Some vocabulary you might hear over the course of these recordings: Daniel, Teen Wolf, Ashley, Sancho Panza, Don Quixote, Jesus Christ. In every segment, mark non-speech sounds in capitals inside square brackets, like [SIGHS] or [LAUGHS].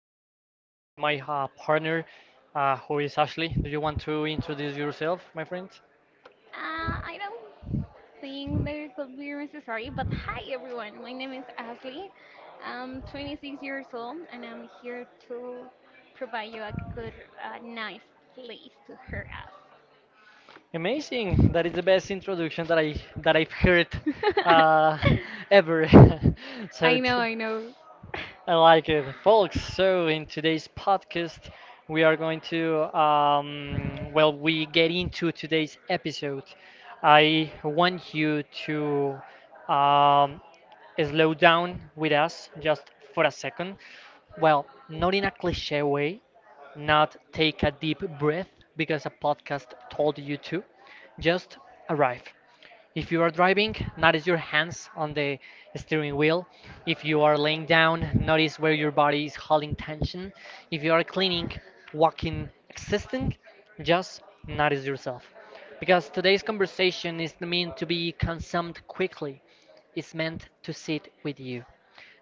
Today I'm with my partner, who is Ashley. Do you want to introduce yourself, my friend? I don't think there could be necessary, but hi everyone. My name is Ashley. I'm 26 years old, and I'm here to provide you a good, nice place to hurt Amazing! That us. is the best introduction that I've heard uh, [LAUGHS] ever. [LAUGHS] [LAUGHS] so I know, t- I know. I like it, folks. So in today's podcast, we are going to well, we get into today's episode. I want you to um, slow down with us just for a second? Well, not in a cliche way, not take a deep breath because a podcast told you to, just arrive. If you are driving, notice your hands on the steering wheel. If you are laying down, notice where your body is holding tension. If you are cleaning, walking, existing, just notice yourself. Because today's conversation is meant to be consumed quickly, it's meant to sit with you.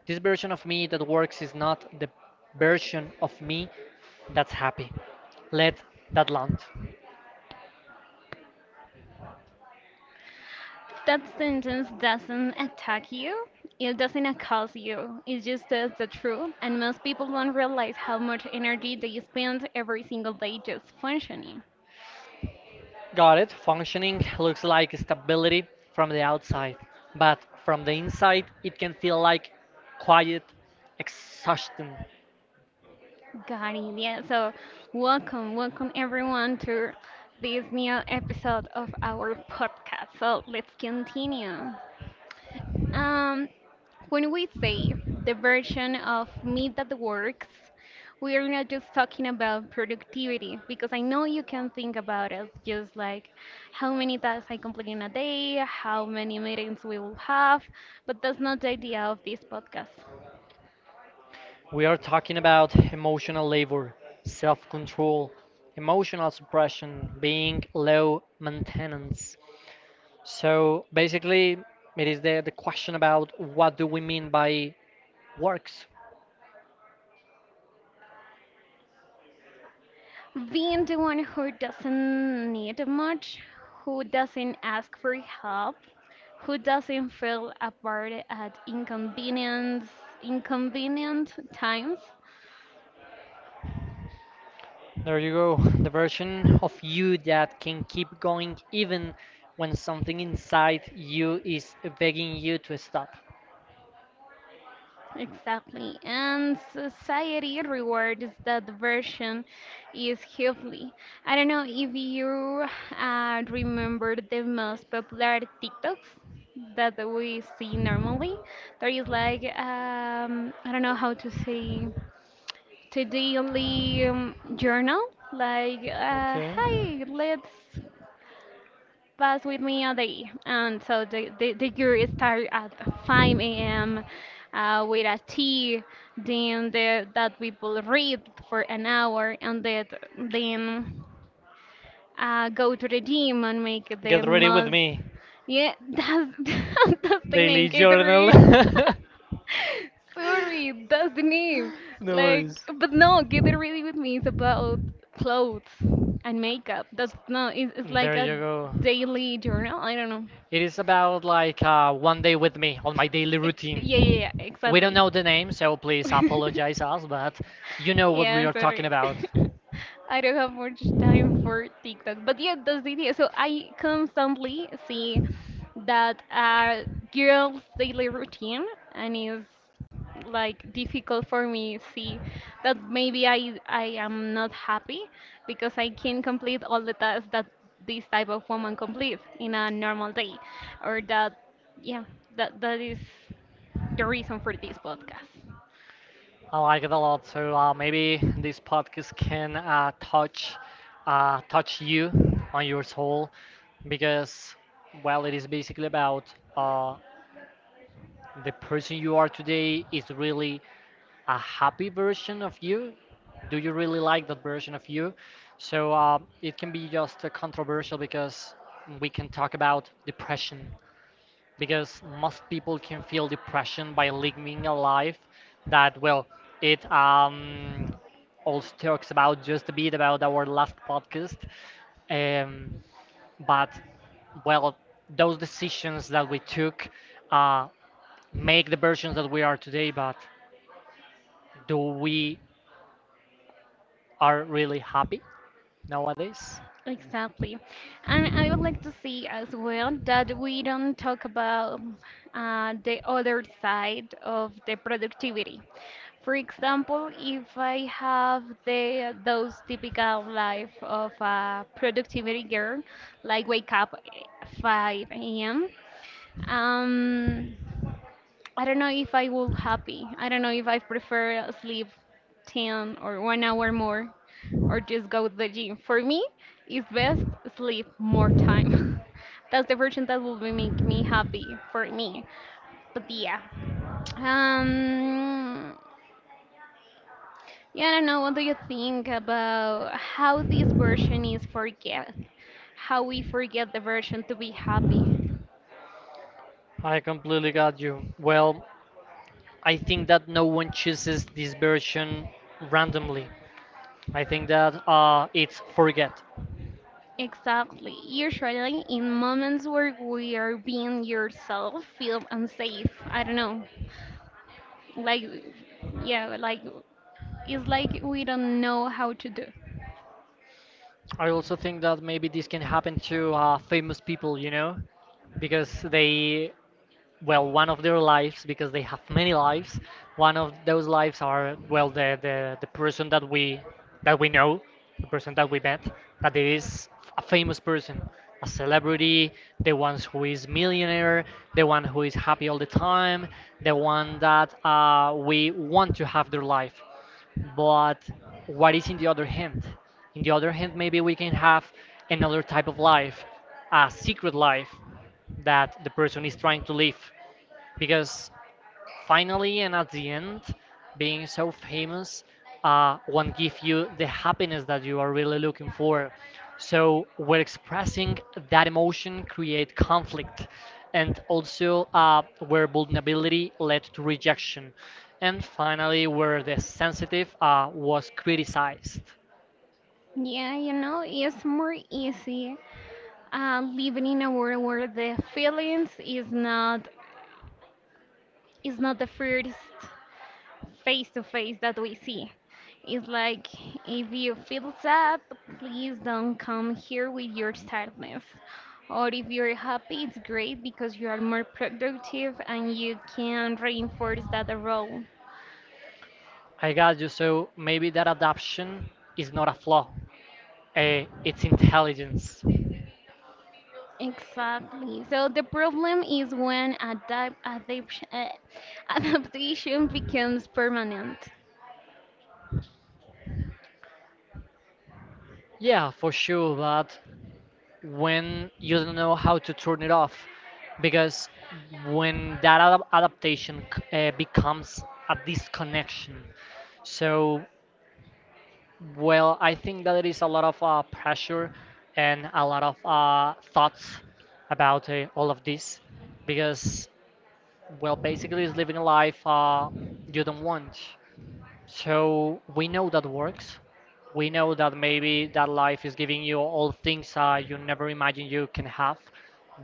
This version of me that works is not the version of me that's happy. Let that land. That sentence doesn't attack you. It doesn't accuse you. It just tells the truth, and most people don't realize how much energy they spend every single day just functioning. Got it. Functioning looks like stability from the outside, but from the inside, it can feel like quiet exhaustion. Got it. Yeah. So, welcome, welcome everyone to this new episode of our podcast. So let's continue. Um, when we say the version of me that works, we are not just talking about productivity, because I know you can think about it just like how many tasks I complete in a day, how many meetings we will have, but that's not the idea of this podcast. We are talking about emotional labor, self control, emotional suppression, being low maintenance. So basically, it is the question about what do we mean by works? Being the one who doesn't need much, who doesn't ask for help, who doesn't feel apart at inconvenient times. There you go, [LAUGHS] the version of you that can keep going even when something inside you is begging you to stop. Exactly. And society rewards that version is heavily. I don't know if you remember the most popular TikToks that we see normally. There is, like, I don't know how to say, to daily journal, like, Okay. hey, let's pass with me a day, and so the, year start at 5 a.m. With a tea, then the, that people read for an hour, and that, then, go to the gym and make the Get ready with most. me. Yeah, that's, [LAUGHS] that's the Daily name, journal. Gatorade. [LAUGHS] [LAUGHS] Sorry, that's the name. [LAUGHS] No Like, worries. but no, Get It Ready With Me is about clothes and makeup. That's no, it's like There a you go. daily journal. I don't know. It is about like one day with me on my daily Yeah, yeah, yeah, routine. We don't exactly. know the name, so please apologize [LAUGHS] us, but you know what we Yeah, are talking sorry. [LAUGHS] about. I don't have much time for TikTok. But yeah, that's the idea. So I constantly see that girls' daily routine, and it's like difficult for me see that maybe I am not happy because I can not complete all the tasks that this type of woman completes in a normal day. Or that, yeah, that is the reason for this podcast. I like it a lot. So maybe this podcast can touch you on your soul because well, it is basically about the person you are today is really a happy version of you. Do you really like that version of you? So it can be just controversial because we can talk about depression because most people can feel depression by living a life that well it also talks about just a bit about our last podcast, um but well those decisions that we took uh make the versions that we are today, but do we are really happy nowadays? Exactly. And I would like to see as well that we don't talk about the other side of the productivity. For example, if I have the those typical life of a productivity girl, like wake up at 5 a.m. Um, I don't know if I will happy. I don't know if I prefer sleep 10 or 1 hour more, or just go to the gym. For me, it's best sleep more time. [LAUGHS] That's the version that will be make me happy for me. But yeah. Um yeah, I don't know. What do you think about how this version is forget? How we forget the version to be happy? I completely got you. Well, I think that no one chooses this version randomly. I think that it's forget. Exactly. Usually, in moments where we are being yourself, feel unsafe. I don't know. Like, yeah, like, it's like we don't know how to do. I also think that maybe this can happen to famous people, you know, because they, well, one of their lives, because they have many lives, one of those lives are, well, the person that we know, the person that we met, that it is a famous person, a celebrity, the ones who is millionaire, the one who is happy all the time, the one that we want to have their life. But what is in the other hand, in the other hand maybe we can have another type of life, a secret life that the person is trying to live, because finally and at the end, being so famous won't give you the happiness that you are really looking for. So we're expressing that emotion create conflict, and also where vulnerability led to rejection, and finally where the sensitive was criticized. Yeah, you know, it's more easy living in a world where the feelings is not the first face to face that we see. It's like, if you feel sad, please don't come here with your sadness. Or if you're happy, it's great because you are more productive and you can reinforce that role. I got you. So maybe that adaption is not a flaw. It's intelligence. Exactly. So the problem is when [LAUGHS] adaptation becomes permanent. Yeah, for sure. But when you don't know how to turn it off, because when that ad adaptation becomes a disconnection, so well I think that it is a lot of pressure and a lot of thoughts about all of this, because well basically it's living a life you don't want. So we know that works. We know that maybe that life is giving you all things you never imagined you can have,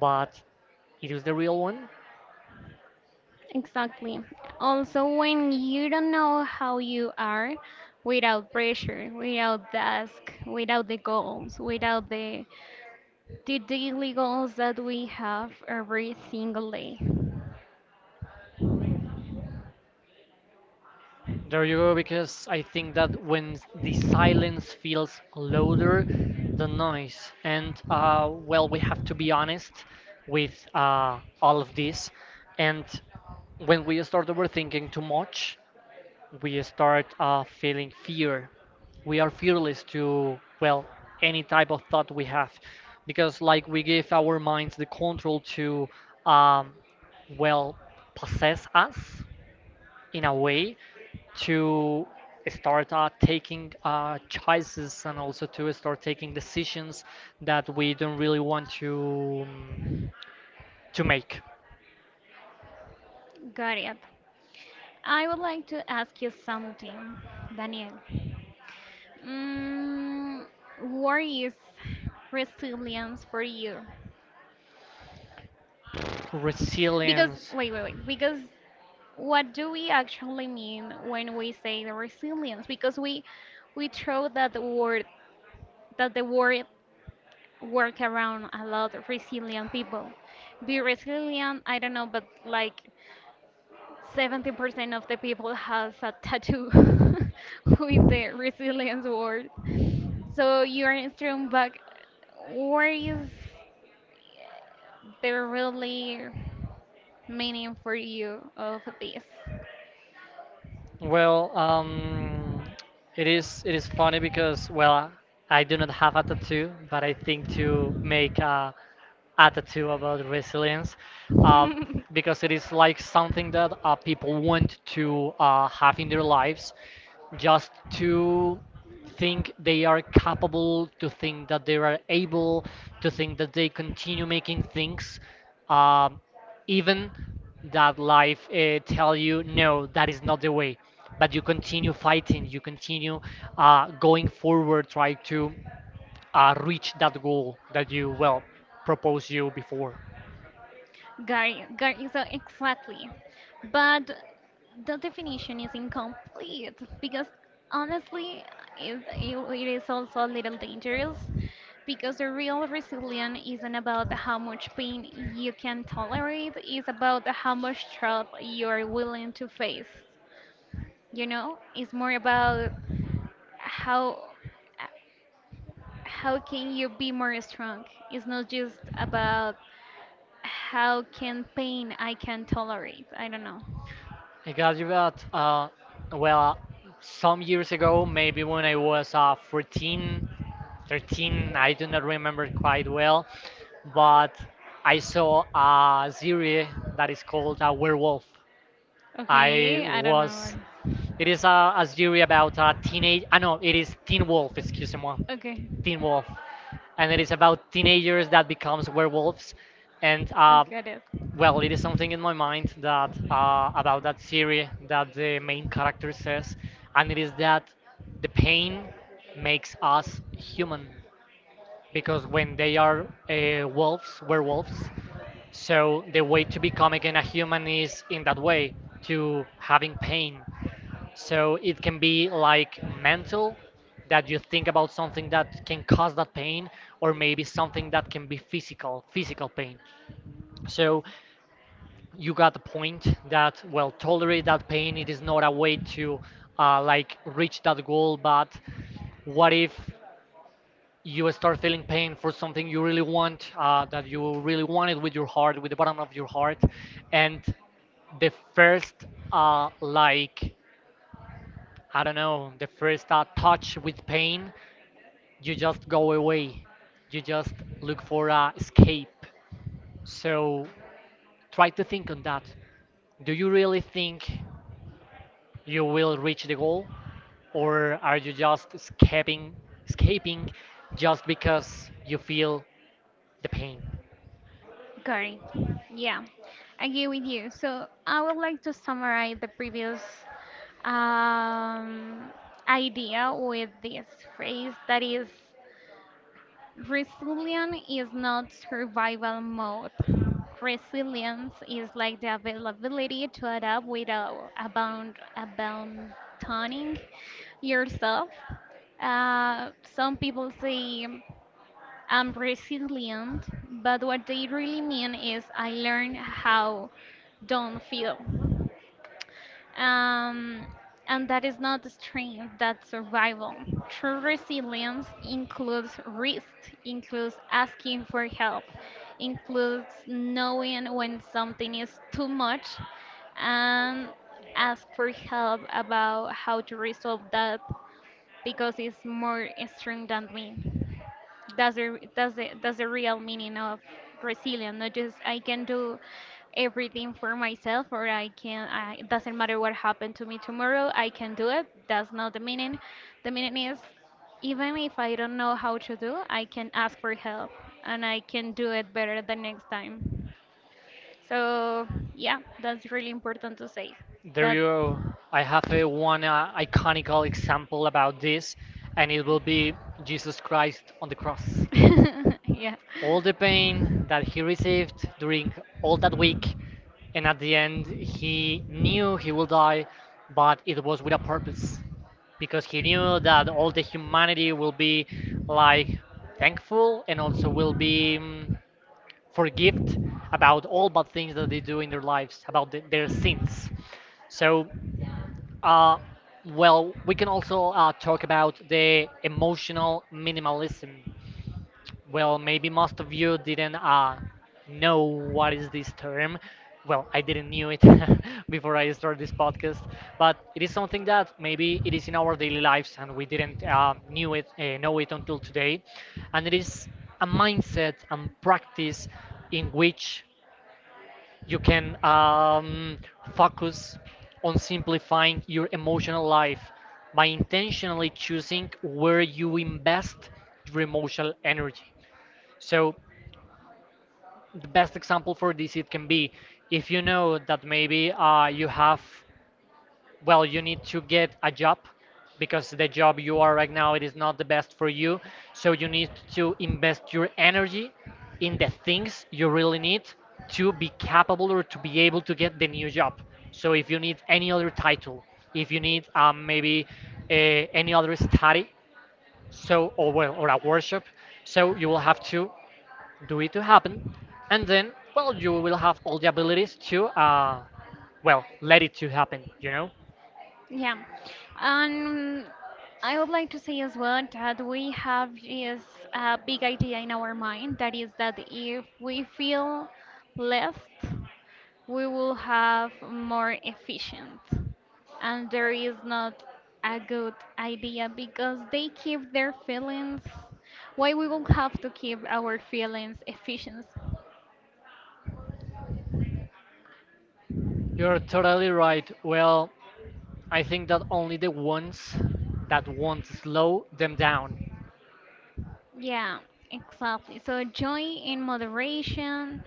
but it is the real one. Exactly. Also, when you don't know how you are without pressure, without task, without the goals, without the daily goals that we have every single day. There you go, because I think that when the silence feels louder than noise. And well, we have to be honest with all of this. And when we start overthinking too much, we start feeling fear. We are fearless to, well, any type of thought we have. Because, like, we give our minds the control to, um, well, possess us in a way to start taking choices and also to start taking decisions that we don't really want to make. Got it. I would like to ask you something, Daniel. Mm, what is resilience for you? Because, Resilience. wait, wait, wait. Because what do we actually mean when we say the resilience? Because we throw that word, that the word work around a lot of resilient people. Be resilient, I don't know, but like 70% of the people has a tattoo [LAUGHS] with the resilience word. So you're thrown back. Where is the really meaning for you of this? Well, it is funny because, well, I do not have a tattoo, but I think to make a tattoo about resilience, uh, because it is like something that people want [LAUGHS] to have in Having their lies, lives, or just just to doing things, even think they are that you capable, to think that they are know able, that to is think that they continue making things, um even that life tell you no that is not the way, wrong, but but you you continue continue, fighting, you continue continue going, going forward, try to reach that goal that goal. you well proposed you before. So exactly. But the definition is incomplete because honestly, it is also a little dangerous, because the real resilience isn't about how much pain you can tolerate, it's about how much trouble you are willing to face. You know, it's more about how how can you be more strong? It's not just about how can pain I can tolerate. I don't know. I got you that well, some years ago, maybe when I was 14, 13, I do not remember quite well, but I saw a series that is called werewolf. I Okay, I don't know. was. It is a series about a teenage. I know it is Teen Wolf. Excuse me, Okay. Teen Wolf, and it is about teenagers that becomes werewolves, and I got it. well, it is something in my mind that about that series that the main character says, and it is that the pain makes us human, because when they are wolves, werewolves, so the way to become again a human is in that way, to having pain. So it can be like mental, that you think about something that can cause that pain, or maybe something that can be physical, physical pain. So you got the point that, well, tolerate that pain, it is not a way to like reach that goal, but what if you start feeling pain for something you really want, that you really wanted with your heart, with the bottom of your heart, and the first like, I don't know, the first touch with pain, you just go away. You just look for a escape. So try to think on that. Do you really think you will reach the goal, or are you just escaping, just because you feel the pain? Got it. Yeah, I agree with you. So I would like to summarize the previous um, idea with this phrase that is, resilience is not survival mode. Resilience is like the availability to adapt without abandoning yourself. Some people say, I'm resilient, but what they really mean is, I learn how don't feel. Um, and that is not strength, that's survival. True resilience includes risk, includes asking for help, includes knowing when something is too much, and ask for help about how to resolve that, because it's more strength than me. That's the real meaning of resilience. Not just, I can do everything for myself, or I can, I, it doesn't matter what happened to me tomorrow, I can do it. That's not the meaning. The meaning is, even if I don't know how to do, I can ask for help, and I can do it better the next time. So yeah, that's really important to say There that. you. I have a one iconical example about this, and it will be Jesus Christ on the cross. [LAUGHS] Yeah. All the pain that he received during all that week, and at the end, he knew he will die, but it was with a purpose, because he knew that all the humanity will be like thankful and also will be forgive about all bad things that they do in their lives, about their sins. So, uh, well, we can also talk about the emotional minimalism. Well, maybe most of you didn't know what is this term. Well, I didn't knew it [LAUGHS] before I started this podcast, but it is something that maybe it is in our daily lives and we didn't knew it know it until today, and it is a mindset and practice in which you can focus on simplifying your emotional life by intentionally choosing where you invest your emotional energy. So the best example for this, it can be if you know that maybe you have, well, you need to get a job because the job you are right now it is not the best for you, so you need to invest your energy in the things you really need to be capable or to be able to get the new job. So if you need any other title, if you need maybe uh, any other study, so or well or a workshop, so you will have to do it to happen, and then well you will have all the abilities to well let it to happen. You know. Yeah. Um, I would like to say as well that we have this big idea in our mind that is, that if we feel left, we will have more efficient, and there is not a good idea, because they keep their feelings. Why we will have to keep our feelings efficient? You're totally right. Well, I think that only the ones that want to slow them down. Yeah, exactly. So joy in moderation,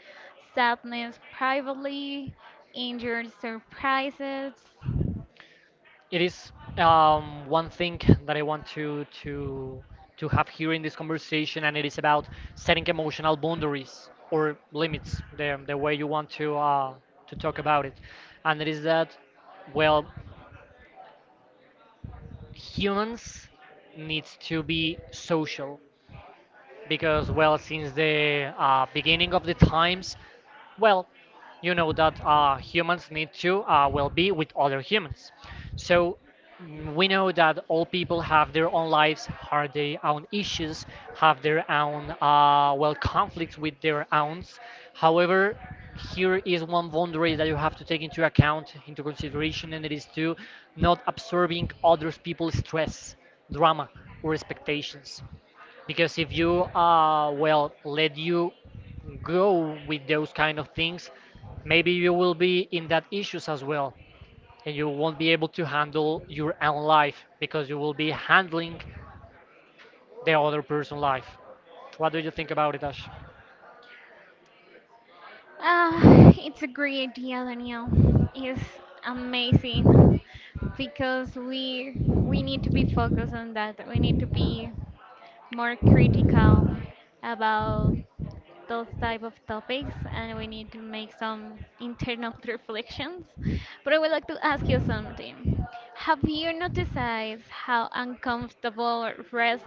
sadness privately, injured surprises. It is one thing that I want to have here in this conversation, and it is about setting emotional boundaries or limits, the way you want to talk about it, and it is that well humans needs to be social because well since the beginning of the times well you know that humans need to well be with other humans so we know that all people have their own lives have their own issues have their own well conflicts with their owns. However, here is one boundary that you have to take into account into consideration, and it is to not absorbing others people's stress, drama, or expectations, because if you well let you go with those kind of things, maybe you will be in that issues as well, and you won't be able to handle your own life because you will be handling the other person's life. What do you think about it, Ash? It's a great idea, Daniel. It's amazing because we need to be focused on that. We need to be more critical about those type of topics, and we need to make some internal [LAUGHS] reflections. But I would like to ask you something. Have you noticed how uncomfortable rest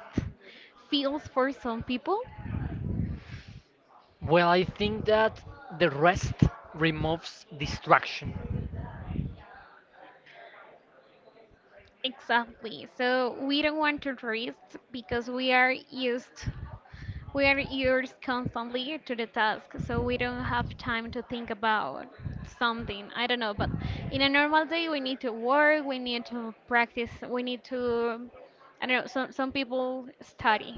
feels for some people? Well, I think that the rest removes distraction. Exactly. So we don't want to rest because we are used constantly to the task. So we don't have time to think about something. I don't know, but in a normal day we need to work, we need to practice, we need to, I don't know, some people study.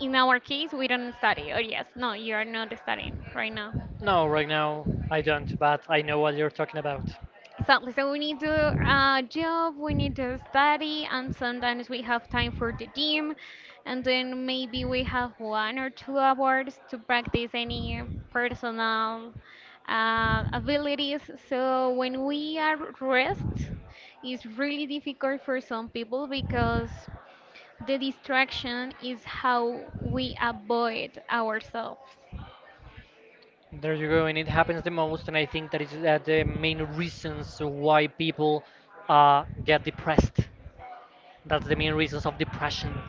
In our case we don't study. Oh yes, no, you are not studying right now. No, right now I don't, but I know what you're talking about. Exactly. So we need to job, we need to study, and sometimes we have time for the gym, and then maybe we have 1 or 2 hours to practice any personal abilities. So when we are rest, it's really difficult for some people because the distraction is how we avoid ourselves. There you go, and it happens the most, and I think that is the main reasons why people get depressed. That's the main reasons of depression,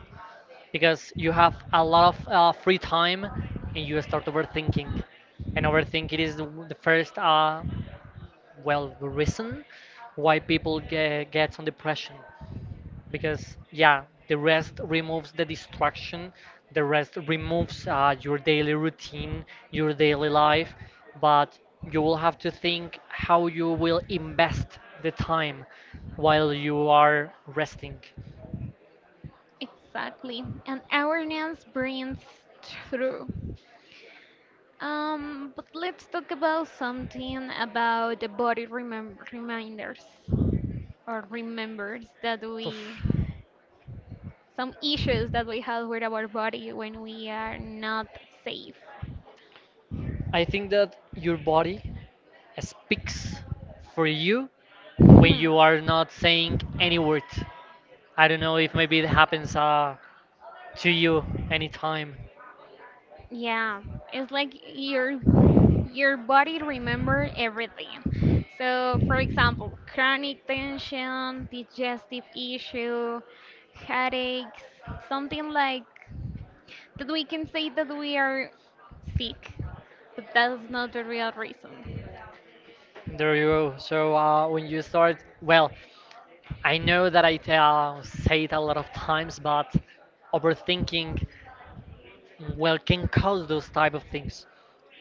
because you have a lot of free time, and you start overthinking, and overthinking is the first, well, reason why people get gets on depression, because yeah, the rest removes the distraction, the rest removes your daily routine, your daily life, but you will have to think how you will invest the time while you are resting. Exactly. And awareness brings through. But let's talk about something about the body remem reminders or remembers that we, Oof. some issues that we have with our body when we are not safe. [LAUGHS] I think that your body speaks for you when Hmm. you are not saying any word. I don't know if maybe it happens to you anytime. Yeah, it's like your body remember everything. So, for example, chronic tension, digestive issue, headaches, something like that we can say that we are sick, but that's not the real reason. There you go. So when you start, well, I know that I tell, say it a lot of times, but overthinking, well, can cause those type of things.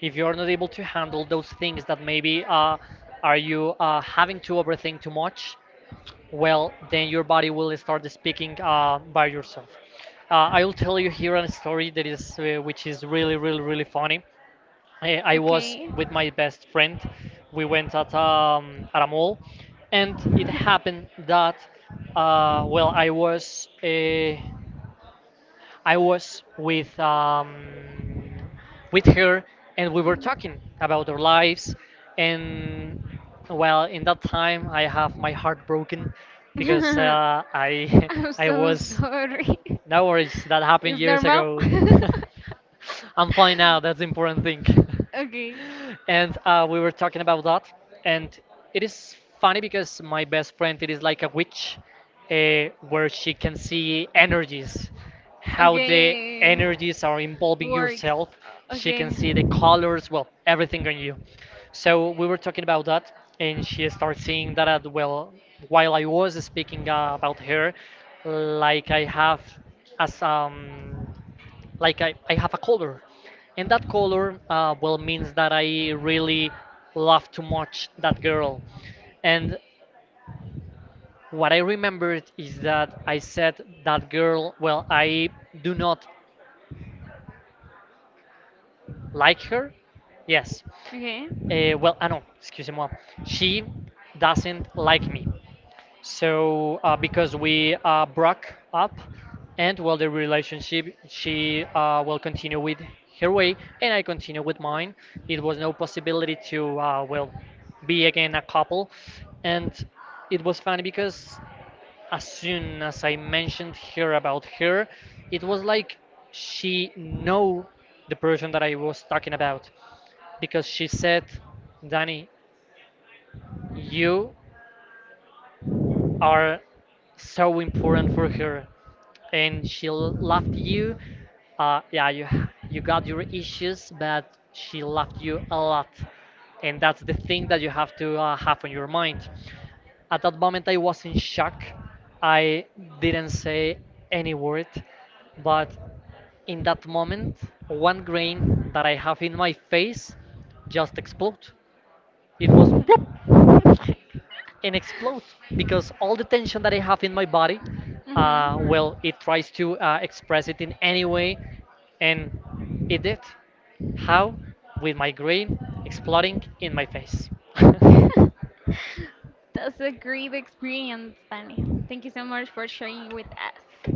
If you are not able to handle those things that maybe are you having to overthink too much, well, then your body will start speaking by yourself. I will tell you here a story that is which is really, really, really funny. I was Okay? with my best friend. We went at a mall, and it happened that well, I was with her, and we were talking about our lives, and well, in that time I have my heart broken because [LAUGHS] I I'm [LAUGHS] I so was sorry. [LAUGHS] no worries that happened It's years normal. ago. [LAUGHS] [LAUGHS] I'm fine now. That's the important thing. Okay. [LAUGHS] And we were talking about that, and it is funny because my best friend it is like a witch, where she can see energies, how the Okay. energies are involving Works. yourself. She can Okay. see the colors, well, everything on you. So we were talking about that, and she started seeing that as well while I was speaking about her, like I have as like I have a color, and that color well means that I really love too much that girl, and what I remembered is that I said that girl, well, I do not like her. Yes, well, I know, excuse me, she doesn't like me. So Broke because up, we and broke up, and for well, the the relationship relationship, she she will will continue continue with with her Harry, way, and and I I continue continue with with mine. mine. There It was was no no possibility possibility to to well be be again again a a couple, couple, and and it it was was funny funny because, because as as soon as I I mentioned mentioned her here about earlier, her, it it was was like like she she knew know the the person person that that I I was was talking about, dating because because she she said, said, "Danny, you are so important for her, and she left you. Yeah, you got your issues, but she loved you a lot, and that's the thing that you have to have on your mind. At that moment, I was in shock. I didn't say any word, but in that moment, one grain that I have in my face just exploded. It was plop mhm. and explode, because all the tension that I have in [LAUGHS] my body, well, it tries to express it in any way, and it did. How? With my brain exploding in my face. [LAUGHS] That's a great experience, Danny. Thank you so much for sharing with us.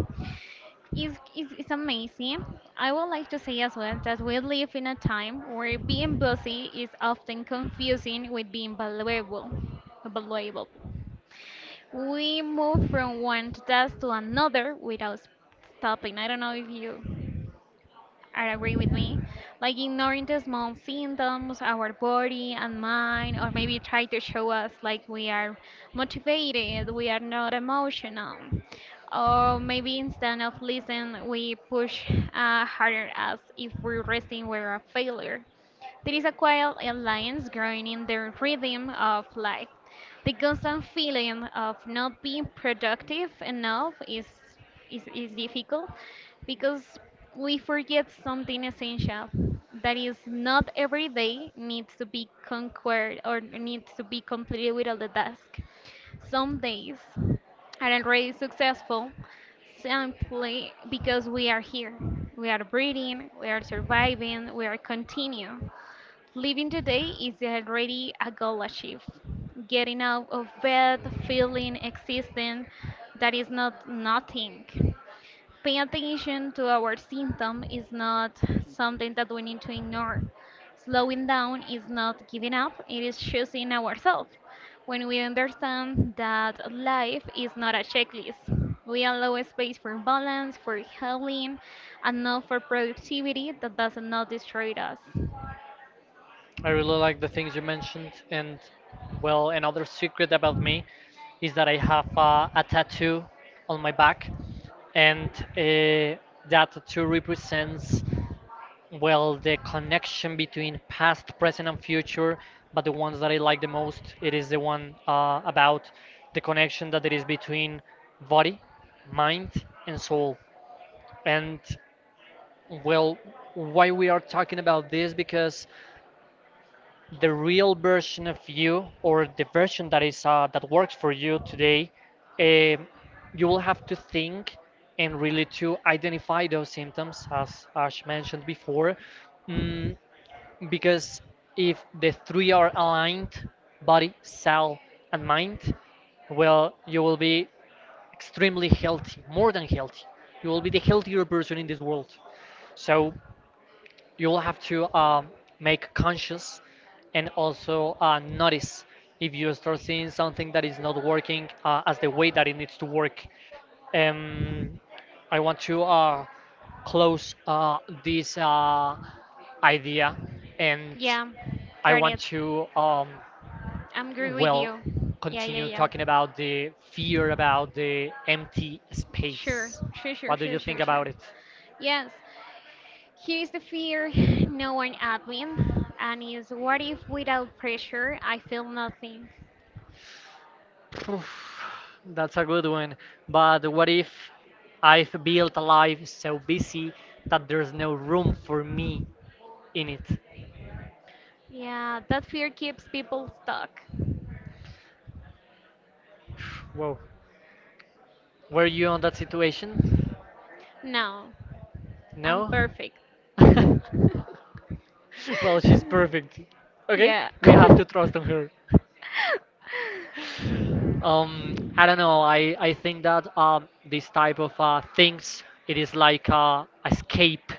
Is amazing. I would like to say as well that we live in a time where being busy is often confusing with being valuable. We move from one task to another without stopping. I don't know if you are agree with me. Like ignoring the small symptoms, our body and mind, or maybe try to show us like we are motivated, we are not emotional. Or maybe instead of listen, we push harder, as if we're resting we're a failure. There is a quiet alliance growing in the rhythm of life. The constant feeling of not being productive enough is difficult, because we forget something essential, that is not every day needs to be conquered or needs to be completed with all the task. Some days are already successful simply because we are here. We are breathing, we are surviving, we are continue. Living today is already a goal achieved. Getting out of bed, feeling existent, that is not nothing. Paying attention to our symptom is not something that we need to ignore. Slowing down is not giving up, it is choosing ourselves. When we understand that life is not a checklist, we allow space for balance, for healing, and not for productivity that does not destroy us. I really like the things you mentioned, and well, another secret about me is that I have a tattoo on my back, and that tattoo represents, well, the connection between past, present, and future, but the ones that I like the most, it is the one about the connection that there is between body, mind, and soul. And well, why we are talking about this? Because the real version of you, or the version that is that works for you today, eh, you will have to think and really to identify those symptoms, as Ash mentioned before. Mm, because if the three are aligned, body, soul, and mind, well, you will be extremely healthy, more than healthy. You will be the healthier person in this world. So you will have to make conscious, and also notice if you start seeing something that is not working as the way that it needs to work. Um, i want to close this idea, and Yeah, I want Garnet, to, I'm agree with well, you. Yeah, yeah, continue yeah. talking about the fear about the empty Sure, space. sure, sure, What do you sure, think sure, sure. about it? Yes, here is the fear, [SIGHS] no one admin, and is, what if without pressure I feel nothing? Poof. That's a good one. But what if I've built a life so busy that there's no room for me in it? Yeah, that fear keeps people stuck. Whoa. Were you on that situation? No, I'm No? perfect. [LAUGHS] Well, she's [LAUGHS] perfect. Okay, Yeah. we [LAUGHS] have to trust on her. I don't know. I think that this type of things it is like a escape,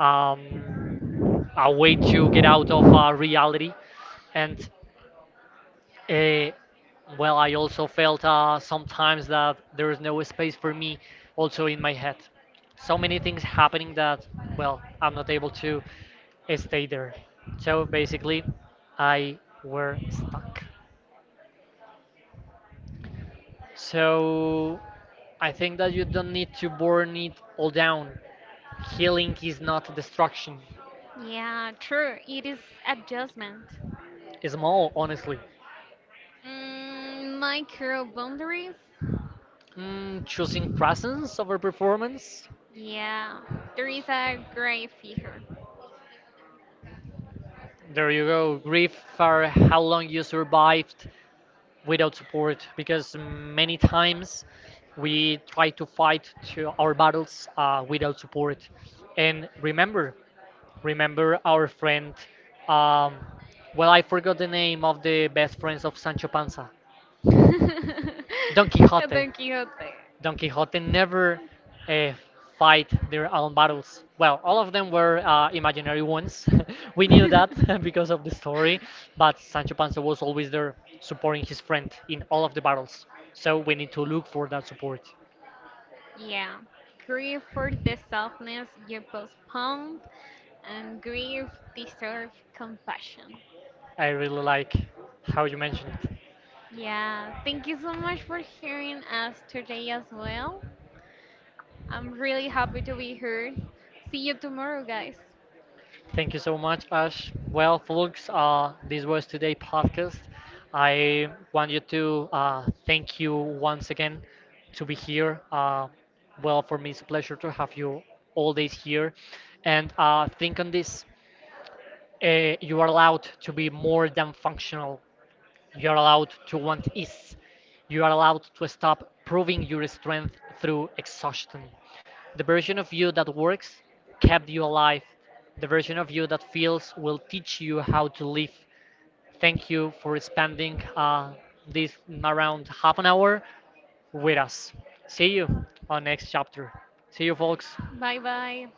um, a way to get out of reality, and uh, well, I also felt sometimes that there is no space for me, also in my head. So many things happening that, well, I'm not able to stay there. So basically, I were stuck. So I think that you don't need to burn it all down. Healing is not destruction. Yeah, true. It is adjustment. It's more, honestly. Micro boundaries. Mm, choosing presence over performance. Yeah, there is a great figure. There you go. Grief for how long you survived without support. Because many times we try to fight to our battles without support. And remember, remember our friend. Um, well, I forgot the name of the best friends of Sancho Panza. [LAUGHS] Don Don Quixote. Quixote. Don Quixote never uh, fight their own battles. Well, all of them were imaginary ones. [LAUGHS] We knew that [LAUGHS] [LAUGHS] because of the story, but Sancho Panza was always there supporting his friend in all of the battles. So we need to look for that support. Yeah, grief for the softness you postponed, and grief deserves compassion. I really like how you mentioned it. Yeah, thank you so much for hearing us today as well. I'm really happy to be here. See you tomorrow, guys. Thank you so much, Ash. Well, folks, this was today's podcast. I want you to thank you once again to be here. Well, for me, it's a pleasure to have you all days here. And think on this, you are allowed to be more than functional. You are allowed to want ease. You are allowed to stop proving your strength through exhaustion. The version of you that works kept you alive. The version of you that feels will teach you how to live. Thank you for spending this around half an hour with us. See you on next chapter. See you, folks. Bye bye.